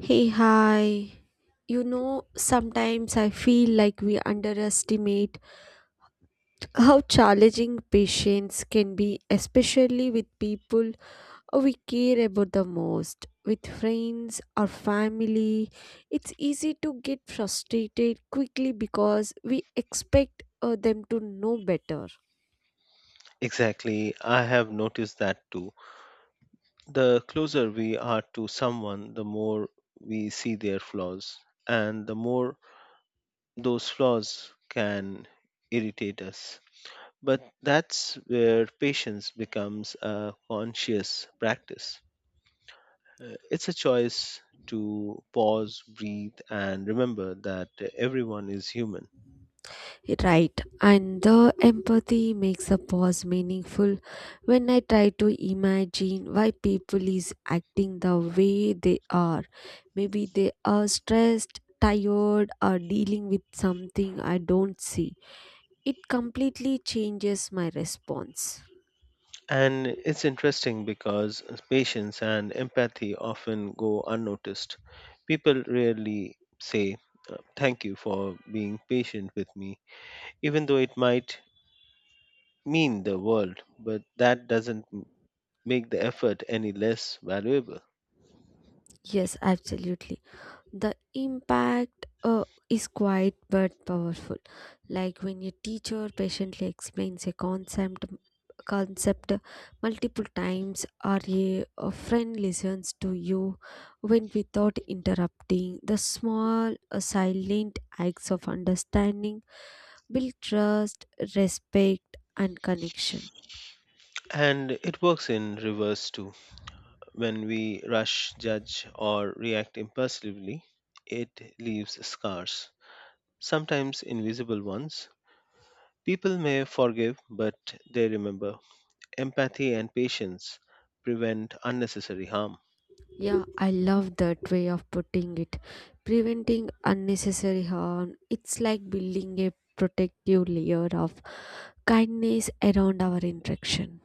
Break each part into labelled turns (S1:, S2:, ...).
S1: Hey, hi. You know, sometimes I feel like we underestimate how challenging patience can be, especially with people we care about the most. With friends or family, it's easy to get frustrated quickly because we expect them to know better.
S2: Exactly. I have noticed that too. The closer we are to someone, the more we see their flaws, and the more those flaws can irritate us. But that's where patience becomes a conscious practice. It's a choice to pause, breathe, and remember that everyone is human.
S1: Right, and the empathy makes a pause meaningful when I try to imagine why people is acting the way they are. Maybe they are stressed, tired, or dealing with something I don't see. It completely changes my response.
S2: And it's interesting because patience and empathy often go unnoticed. People rarely say, thank you for being patient with me, even though it might mean the world, but that doesn't m- make the effort any less valuable.
S1: Yes, absolutely. The impact is quiet but powerful, like when your teacher patiently explains a concept multiple times, or a friend listens to you when without interrupting, the small silent acts of understanding build trust, respect, and connection.
S2: And it works in reverse too. When we rush, judge, or react impulsively, it leaves scars, sometimes invisible ones. People may forgive, but they remember empathy and patience prevent unnecessary harm.
S1: Yeah, I love that way of putting it. Preventing unnecessary harm, it's like building a protective layer of kindness around our interaction.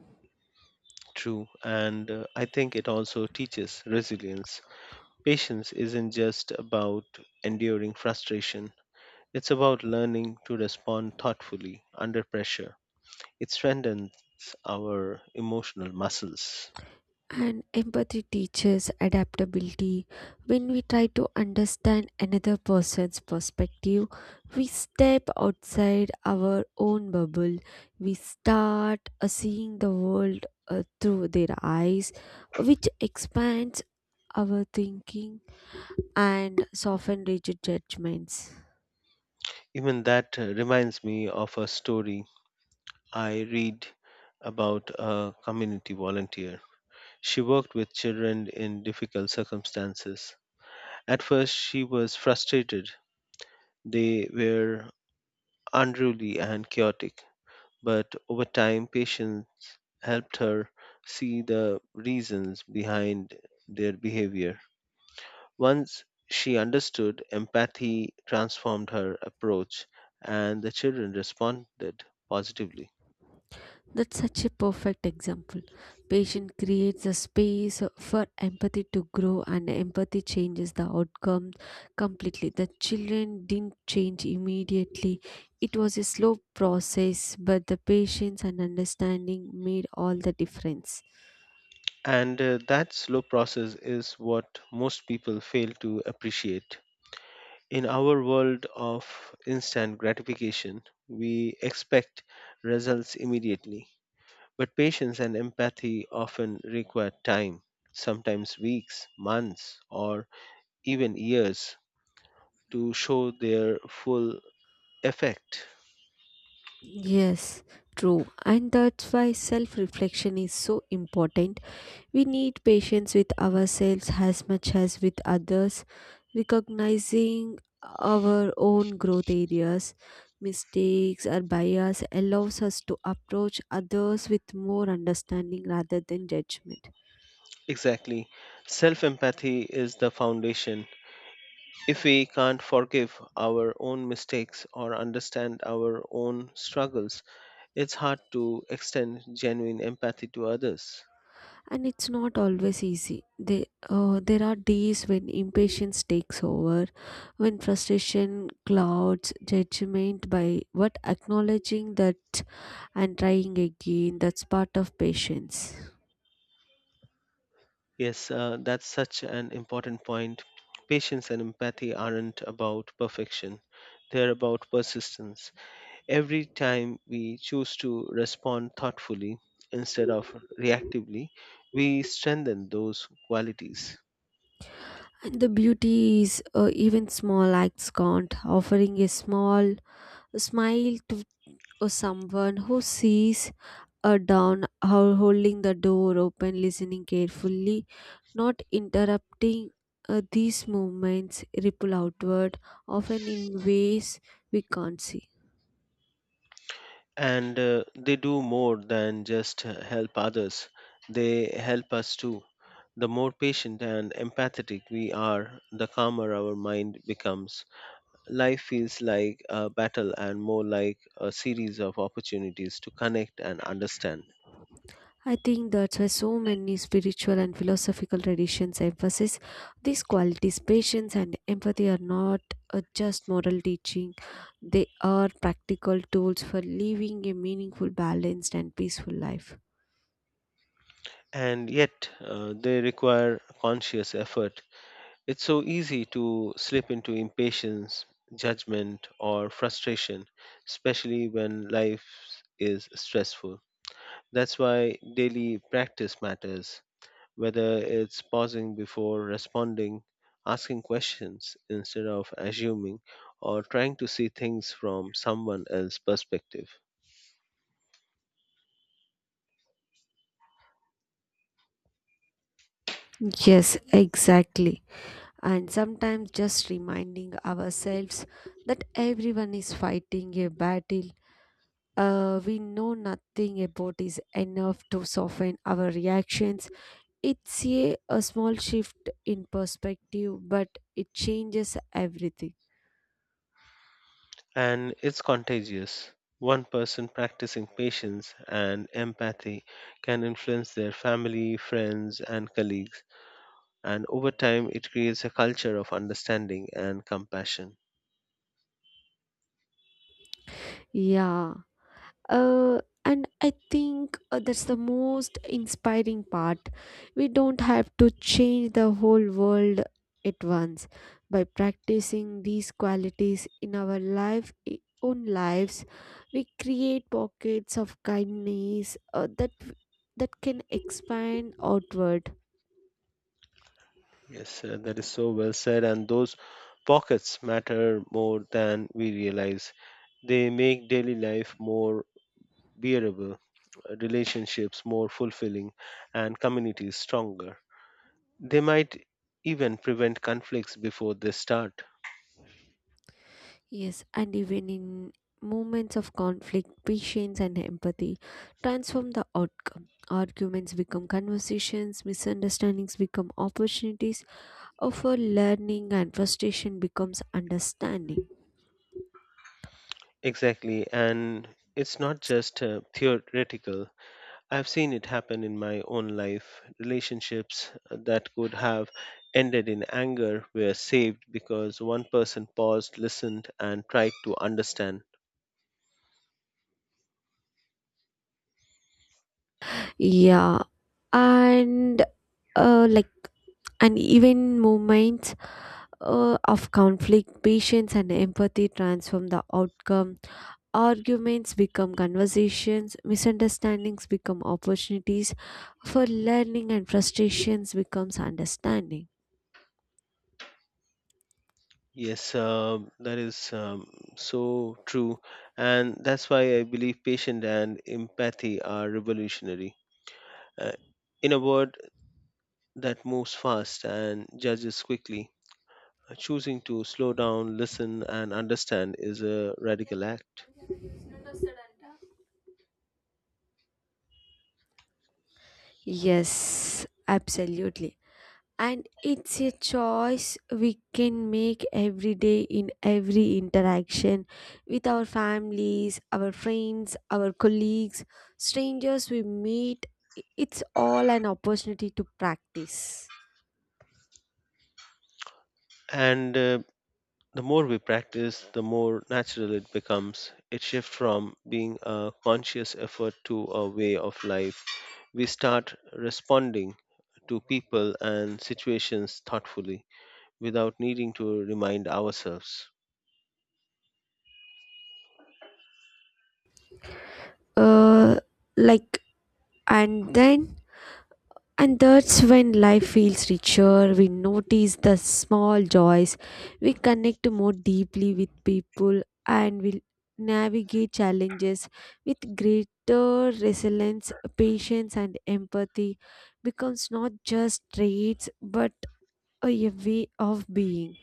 S2: True, and I think it also teaches resilience. Patience isn't just about enduring frustration, it's about learning to respond thoughtfully under pressure. It strengthens our emotional muscles.
S1: And empathy teaches adaptability. When we try to understand another person's perspective, we step outside our own bubble. We start seeing the world through their eyes, which expands our thinking and soften rigid judgments.
S2: Even that reminds me of a story I read about a community volunteer. She worked with children in difficult circumstances. At first, she was frustrated. They were unruly and chaotic, but over time, patience helped her see the reasons behind their behavior. Once she understood, empathy transformed her approach, and the children responded positively.
S1: That's such a perfect example. Patient creates a space for empathy to grow, and empathy changes the outcome completely. The children didn't change immediately. It was a slow process, but the patience and understanding made all the difference.
S2: And that slow process is what most people fail to appreciate. In our world of instant gratification, we expect results immediately, but patience and empathy often require time, sometimes weeks, months, or even years to show their full effect.
S1: Yes, true. And that's why self reflection is so important. We need patience with ourselves as much as with others, recognizing our own growth areas, mistakes, or bias allows us to approach others with more understanding rather than judgment.
S2: Exactly. Self empathy is the foundation. If we can't forgive our own mistakes or understand our own struggles, it's hard to extend genuine empathy to others.
S1: And it's not always easy. There are days when impatience takes over, when frustration clouds judgment, by what acknowledging that and trying again, that's part of patience.
S2: Yes, that's such an important point. Patience and empathy aren't about perfection, they're about persistence. Every time we choose to respond thoughtfully instead of reactively, we strengthen those qualities.
S1: And the beauty is, even small acts count. Offering a small smile to someone who sees down, holding the door open, listening carefully, not interrupting. These movements ripple outward, often in ways we can't see.
S2: And they do more than just help others, they help us too. The more patient and empathetic we are, the calmer our mind becomes. Life feels like a battle and more like a series of opportunities to connect and understand.
S1: I think that's why so many spiritual and philosophical traditions emphasize these qualities. Patience and empathy are not just moral teaching, they are practical tools for living a meaningful, balanced, and peaceful life.
S2: And yet, they require conscious effort. It's so easy to slip into impatience, judgment, or frustration, especially when life is stressful. That's why daily practice matters, whether it's pausing before responding, asking questions instead of assuming, or trying to see things from someone else's perspective.
S1: Yes, exactly. And sometimes just reminding ourselves that everyone is fighting a battle we know nothing about is enough to soften our reactions. It's a small shift in perspective, but it changes everything.
S2: And it's contagious. One person practicing patience and empathy can influence their family, friends, and colleagues, and over time it creates a culture of understanding and compassion.
S1: Yeah, and I think that's the most inspiring part. We don't have to change the whole world at once. By practicing these qualities in our own lives, we create pockets of kindness that can expand outward.
S2: Yes, that is so well said. And those pockets matter more than we realize. They make daily life more bearable, relationships more fulfilling, and communities stronger. They might even prevent conflicts before they start.
S1: Yes, and even in moments of conflict, patience and empathy transform the outcome. Arguments become conversations, misunderstandings become opportunities for learning, and frustration becomes understanding.
S2: Exactly. And it's not just theoretical, I've seen it happen in my own life. Relationships that could have ended in anger were saved because one person paused, listened, and tried to understand.
S1: Yeah, and uh, like, and even moments of conflict, patience and empathy transform the outcome. Arguments become conversations, misunderstandings become opportunities for learning, and frustrations becomes understanding.
S2: Yes, that is so true. And that's why I believe patience and empathy are revolutionary. Uh, in a world that moves fast and judges quickly, choosing to slow down, listen, and understand is a radical act.
S1: Yes, absolutely. And it's a choice we can make every day, in every interaction, with our families, our friends, our colleagues, strangers we meet, it's all an opportunity to practice.
S2: And the more we practice, the more natural it becomes. It shifts from being a conscious effort to a way of life. We start responding to people and situations thoughtfully without needing to remind ourselves.
S1: uh like and then And that's when life feels richer. We notice the small joys. We connect more deeply with people and we navigate challenges with greater resilience, patience, and empathy becomes not just traits but a way of being.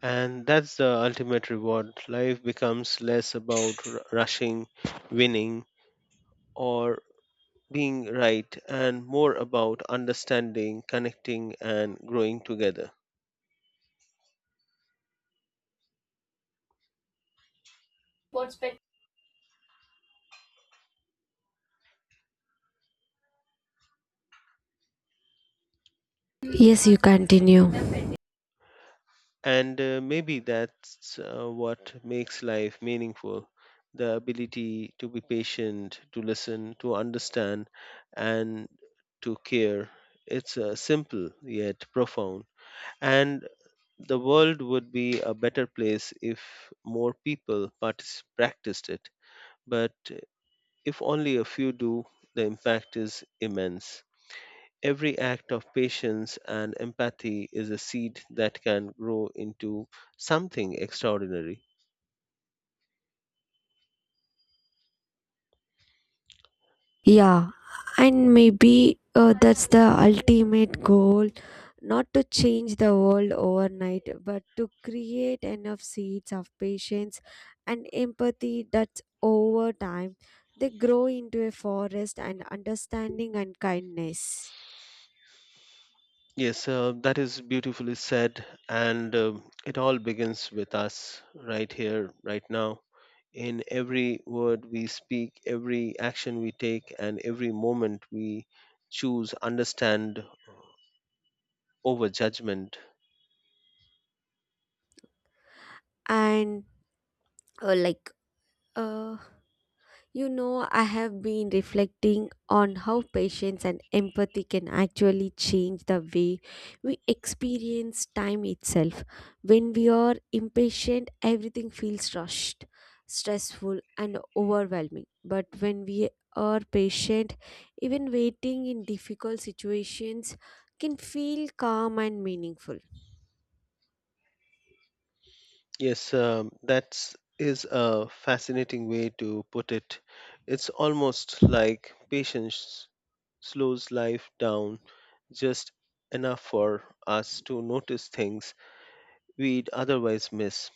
S2: And that's the ultimate reward. Life becomes less about rushing, winning, or being right, and more about understanding, connecting, and growing together.
S1: Yes, you continue.
S2: And maybe that's what makes life meaningful, the ability to be patient, to listen, to understand, and to care. It's simple yet profound. And the world would be a better place if more people practiced it. But if only a few do, the impact is immense. Every act of patience and empathy is a seed that can grow into something extraordinary.
S1: Yeah, and maybe that's the ultimate goal, not to change the world overnight, but to create enough seeds of patience and empathy that over time they grow into a forest and understanding and kindness.
S2: Yes, that is beautifully said. And it all begins with us right here, right now. In every word we speak, every action we take, and every moment we choose understand over judgment.
S1: And uh, like, uh, You know, I have been reflecting on how patience and empathy can actually change the way we experience time itself. When we are impatient, everything feels rushed, stressful, and overwhelming. But when we are patient, even waiting in difficult situations can feel calm and meaningful.
S2: Yes, that's a fascinating way to put it. It's almost like patience slows life down just enough for us to notice things we'd otherwise miss.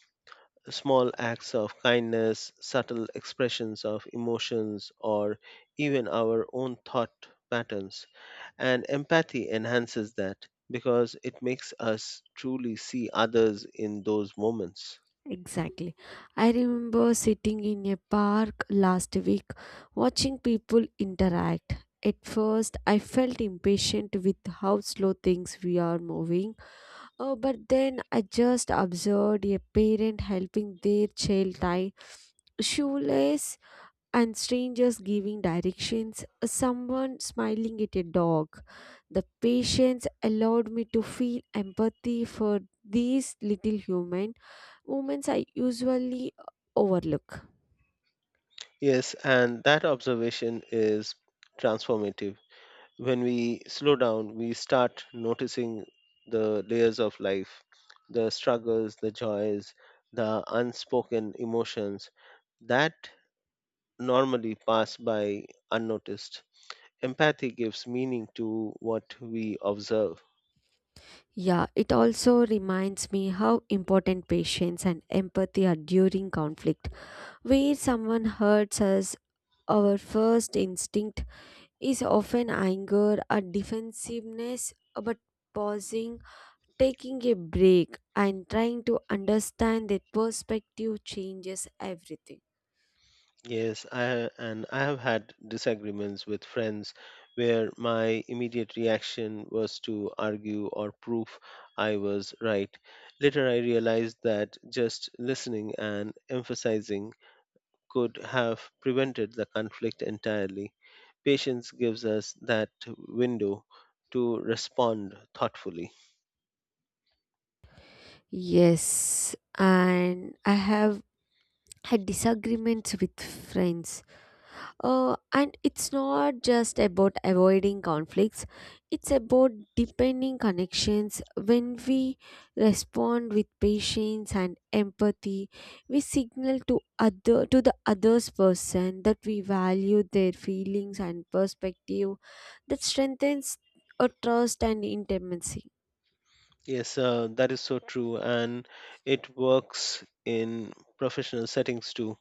S2: Small acts of kindness, subtle expressions of emotions, or even our own thought patterns. And empathy enhances that because it makes us truly see others in those moments.
S1: Exactly. I remember sitting in a park last week watching people interact. At first, I felt impatient with how slow things we are moving. Oh, but then I just observed a parent helping their child tie shoelace, and strangers giving directions, someone smiling at a dog. The patience allowed me to feel empathy for these little humans moments I usually overlook.
S2: Yes, and that observation is transformative. When we slow down, we start noticing the layers of life, the struggles, the joys, the unspoken emotions that normally pass by unnoticed. Empathy gives meaning to what we observe.
S1: Yeah, it also reminds me how important patience and empathy are during conflict. Where someone hurts us, our first instinct is often anger or defensiveness, but pausing, taking a break, and trying to understand their perspective changes everything.
S2: Yes, I and I have had disagreements with friends where my immediate reaction was to argue or prove I was right. Later I realized that just listening and emphasizing could have prevented the conflict entirely. Patience gives us that window to respond thoughtfully.
S1: Yes, and I have had disagreements with friends. And it's not just about avoiding conflicts, it's about deepening connections. When we respond with patience and empathy, we signal to other to the other's person that we value their feelings and perspective, that strengthens a trust and intimacy.
S2: Yes, that is so true, and it works in professional settings too.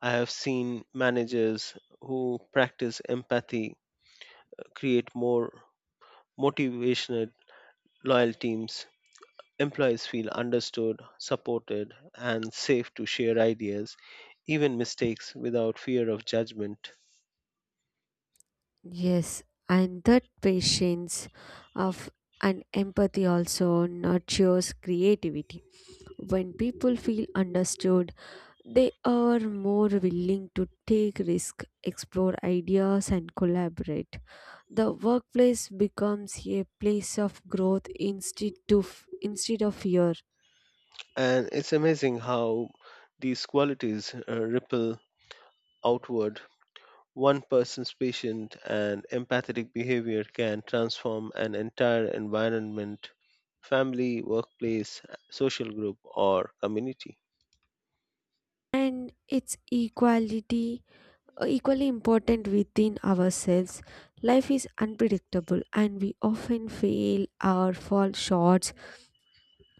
S2: I have seen managers who practice empathy create more motivational, loyal teams. Employees feel understood, supported, and safe to share ideas, even mistakes, without fear of judgment.
S1: Yes, and that patience of and empathy also nurtures creativity. When people feel understood, they are more willing to take risks, explore ideas, and collaborate. The workplace becomes a place of growth instead of fear.
S2: And it's amazing how these qualities ripple outward. One person's patient and empathetic behavior can transform an entire environment, family, workplace, social group, or community.
S1: And it's equality equally important within ourselves. Life is unpredictable and we often fail or fall short.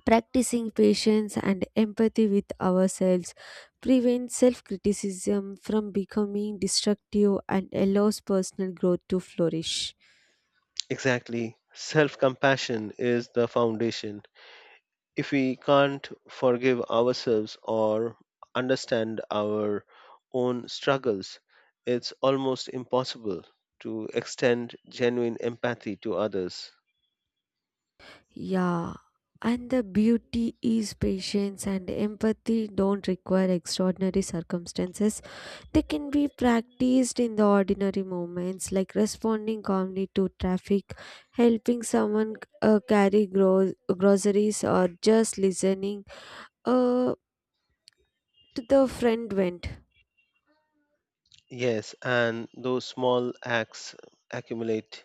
S1: Practicing patience and empathy with ourselves prevents self criticism from becoming destructive and allows personal growth to flourish.
S2: Exactly. Self compassion is the foundation. If we can't forgive ourselves or understand our own struggles, it's almost impossible to extend genuine empathy to others.
S1: Yeah. And the beauty is patience and empathy don't require extraordinary circumstances. They can be practiced in the ordinary moments, like responding calmly to traffic, helping someone carry groceries, or just listening uh, the friend went.
S2: Yes, and those small acts accumulate.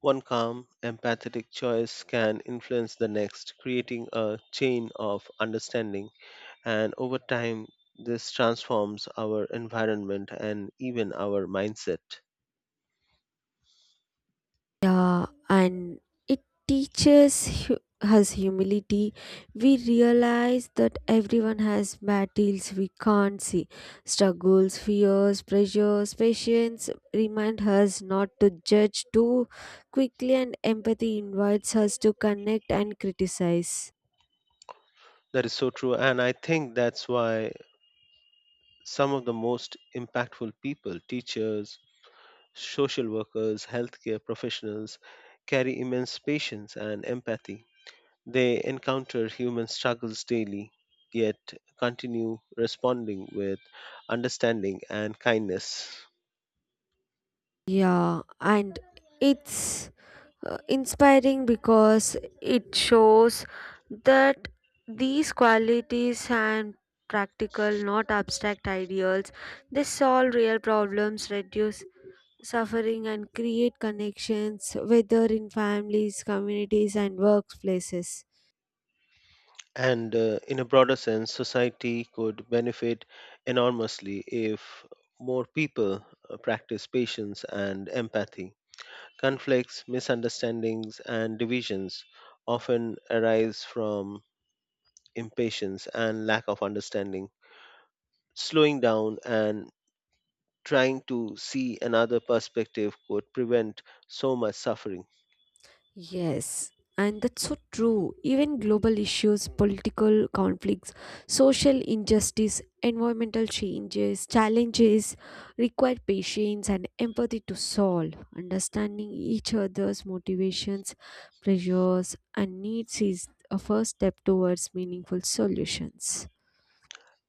S2: One calm, empathetic choice can influence the next, creating a chain of understanding. And over time, this transforms our environment and even our mindset.
S1: Yeah, and it teaches us humility. We realize that everyone has battles we can't see. Struggles, fears, pressures, patience remind us not to judge too quickly, and empathy invites us to connect and criticize.
S2: That is so true. And I think that's why some of the most impactful people, teachers, social workers, healthcare professionals, carry immense patience and empathy. They encounter human struggles daily, yet continue responding with understanding and kindness.
S1: Yeah, and it's inspiring because it shows that these qualities and practical not abstract ideals, they solve real problems, reduce suffering, and create connections, whether in families, communities, and workplaces.
S2: And in a broader sense, society could benefit enormously if more people practice patience and empathy. Conflicts, misunderstandings, and divisions often arise from impatience and lack of understanding. Slowing down and trying to see another perspective could prevent so much suffering.
S1: Yes, and that's so true. Even global issues, political conflicts, social injustice, environmental changes, challenges require patience and empathy to solve. Understanding each other's motivations, pressures, and needs is a first step towards meaningful solutions.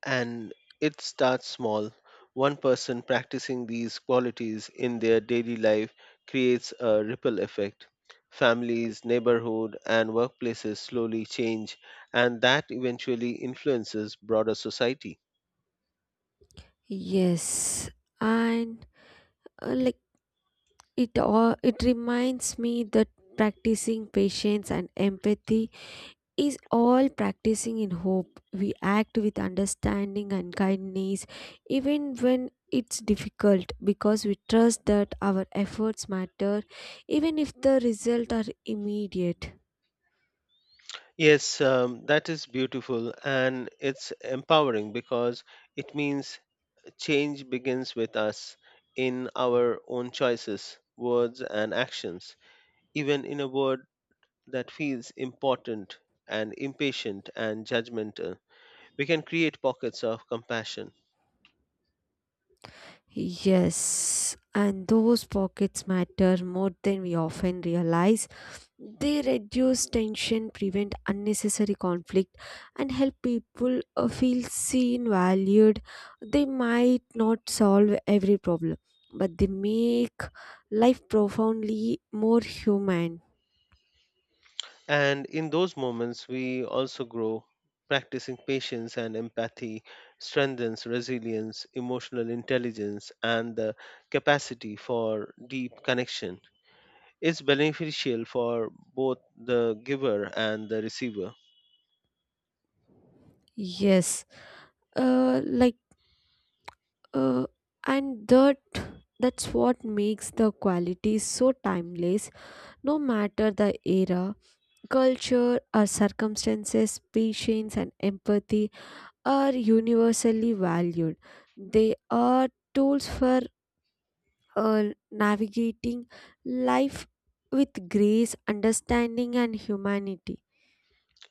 S2: And it starts small. One person practicing these qualities in their daily life creates a ripple effect. Families, neighborhood, and workplaces slowly change, and that eventually influences broader society.
S1: Yes, and like it all, it reminds me that practicing patience and empathy is all practicing in hope. We act with understanding and kindness even when it's difficult because we trust that our efforts matter even if the results are immediate.
S2: Yes, that is beautiful, and it's empowering because it means change begins with us in our own choices, words, and actions, even in a word that feels important and impatient and judgmental. We can create pockets of compassion.
S1: Yes, and those pockets matter more than we often realize. They reduce tension, prevent unnecessary conflict, and help people feel seen, valued. They might not solve every problem, but they make life profoundly more human.
S2: And in those moments, we also grow. Practicing patience and empathy strengthens resilience, emotional intelligence, and the capacity for deep connection. It's beneficial for both the giver and the receiver.
S1: Yes, like, uh, and that that's what makes the quality so timeless, no matter the era, culture, our circumstances, patience, and empathy are universally valued. They are tools for navigating life with grace, understanding, and humanity.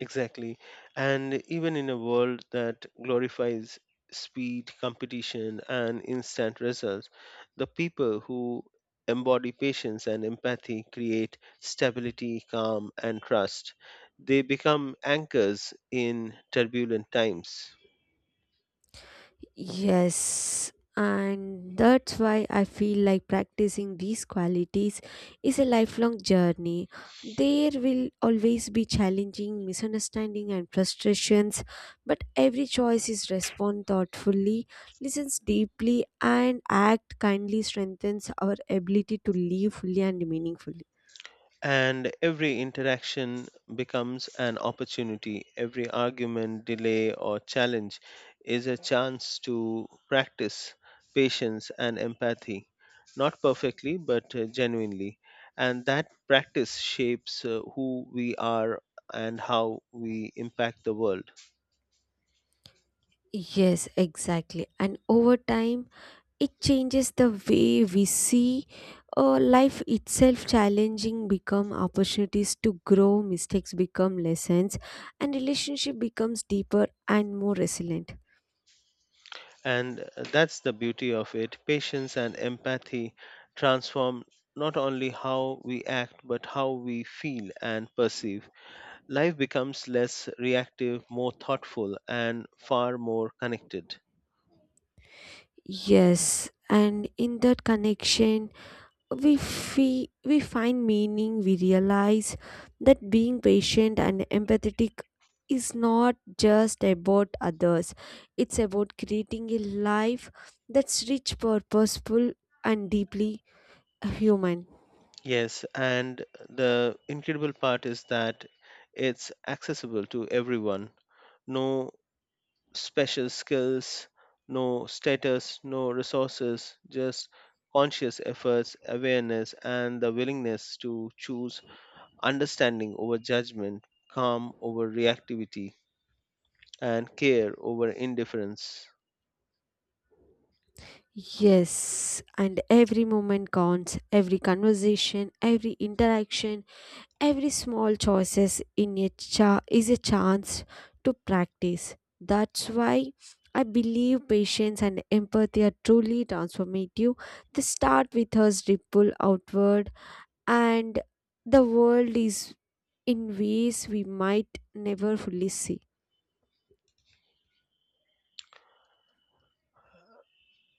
S2: Exactly. And even in a world that glorifies speed, competition, and instant results, the people who embody patience and empathy create stability, calm, and trust. They become anchors in turbulent times.
S1: Yes, and that's why I feel like practicing these qualities is a lifelong journey. There will always be challenging misunderstanding and frustrations, but every choice is respond thoughtfully, listens deeply, and act kindly strengthens our ability to live fully and meaningfully.
S2: And every interaction becomes an opportunity. Every argument, delay, or challenge is a chance to practice patience and empathy, not perfectly, but genuinely. And that practice shapes who we are and how we impact the world.
S1: Yes, exactly. And over time, it changes the way we see life itself, challenging become opportunities to grow, mistakes become lessons, and relationship becomes deeper and more resilient.
S2: And that's the beauty of it. Patience and empathy transform not only how we act, but how we feel and perceive. Life becomes less reactive, more thoughtful, and far more connected.
S1: Yes, and in that connection we find meaning. We realize that being patient and empathetic is not just about others, it's about creating a life that's rich, purposeful, and deeply a human.
S2: Yes, and the incredible part is that it's accessible to everyone. No special skills, no status, no resources, just conscious efforts, awareness, and the willingness to choose understanding over judgment, calm over reactivity, and care over indifference.
S1: Yes, and every moment counts, every conversation, every interaction, every small choices is a chance to practice. That's why I believe patience and empathy are truly transformative. They start with us, ripple outward, and the world is in ways we might never fully see.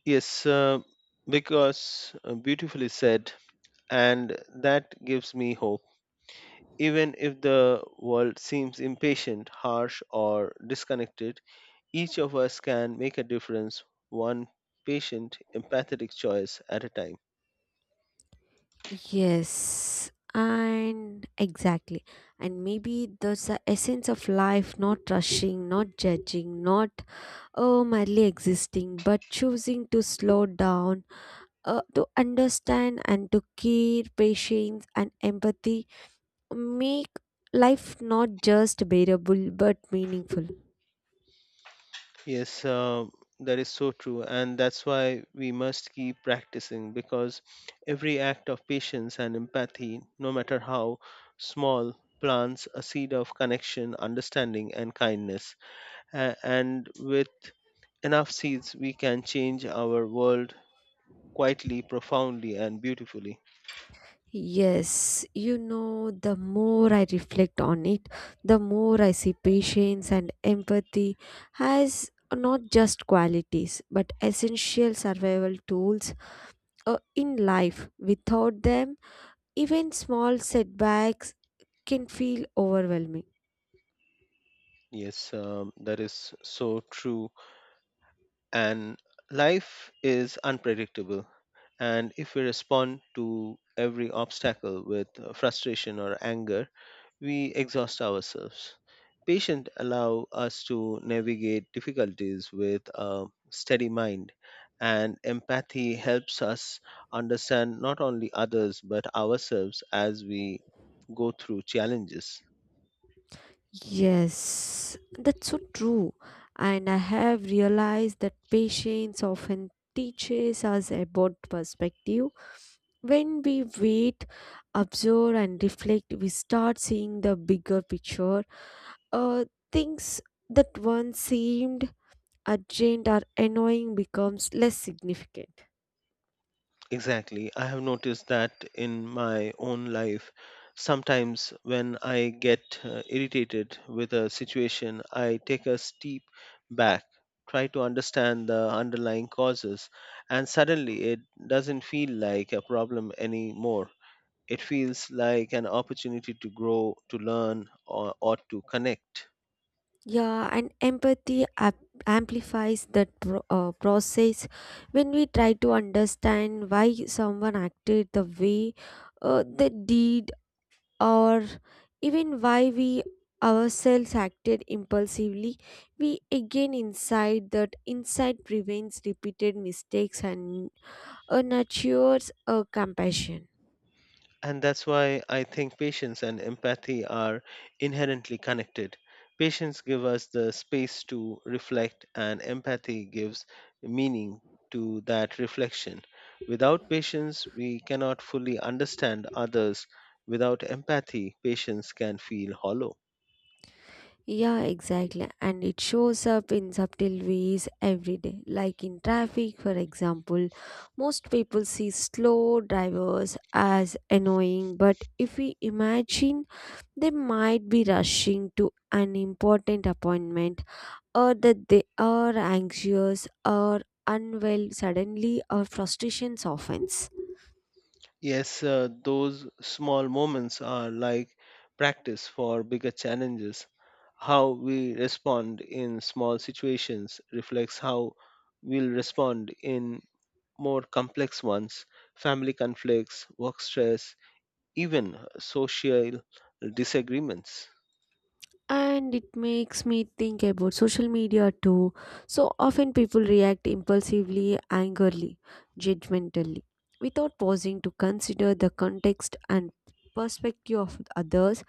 S2: Yes, because beautifully said, and that gives me hope. Even if the world seems impatient, harsh, or disconnected, each of us can make a difference, one patient, empathetic choice at a time.
S1: Yes, and exactly. And maybe that's the essence of life, not rushing, not judging, not oh, merely existing, but choosing to slow down, to understand and to care, patience and empathy make life not just bearable but meaningful.
S2: Yes, that is so true, and that's why we must keep practicing because every act of patience and empathy, no matter how small, plants a seed of connection, understanding, and kindness. And with enough seeds, we can change our world quietly, profoundly, and beautifully.
S1: Yes, you know, the more I reflect on it, the more I see patience and empathy as not just qualities but essential survival tools in life. Without them, even small setbacks can feel overwhelming.
S2: Yes, that is so true. And life is unpredictable. And if we respond to every obstacle with frustration or anger, we exhaust ourselves. Patience allow us to navigate difficulties with a steady mind, and empathy helps us understand not only others but ourselves as we go through challenges.
S1: Yes, that's so true. And I have realized that patience often teaches us about perspective. When we wait, observe, and reflect, we start seeing the bigger picture. Uh, Things that once seemed urgent or annoying becomes less significant.
S2: Exactly. I have noticed that in my own life. Sometimes when I get irritated with a situation, I take a step back, try to understand the underlying causes, and suddenly it doesn't feel like a problem anymore. It feels like an opportunity to grow, to learn, or to connect.
S1: Yeah, and empathy amplifies that process, when we try to understand why someone acted the way they did, or even why we ourselves acted impulsively. We again insight that insight prevents repeated mistakes and nurtures compassion.
S2: And that's why I think patience and empathy are inherently connected. Patience gives us the space to reflect, and empathy gives meaning to that reflection. Without patience, we cannot fully understand others. Without empathy, patience can feel hollow.
S1: Yeah, exactly. And it shows up in subtle ways every day. Like in traffic, for example, most people see slow drivers as annoying, but if we imagine they might be rushing to an important appointment, or that they are anxious or unwell, suddenly or frustration softens.
S2: Yes, those small moments are like practice for bigger challenges. How we respond in small situations reflects how we'll respond in more complex ones, family conflicts, work stress, even social disagreements.
S1: And it makes me think about social media too. So often people react impulsively, angrily, judgmentally, without pausing to consider the context and perspective of others.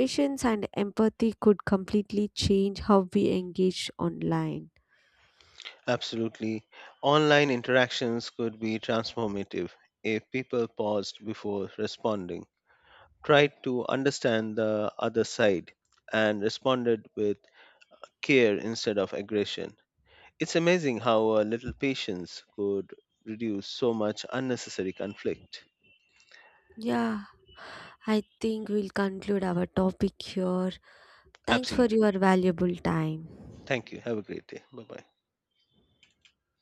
S1: Patience and empathy could completely change how we engage online.
S2: Absolutely. Online interactions could be transformative if people paused before responding, tried to understand the other side and responded with care instead of aggression. It's amazing how a little patience could reduce so much unnecessary conflict.
S1: Yeah, I think we'll conclude our topic here. Thanks for
S2: Absolutely.
S1: your valuable time.
S2: Thank you. Have a great day. Bye bye.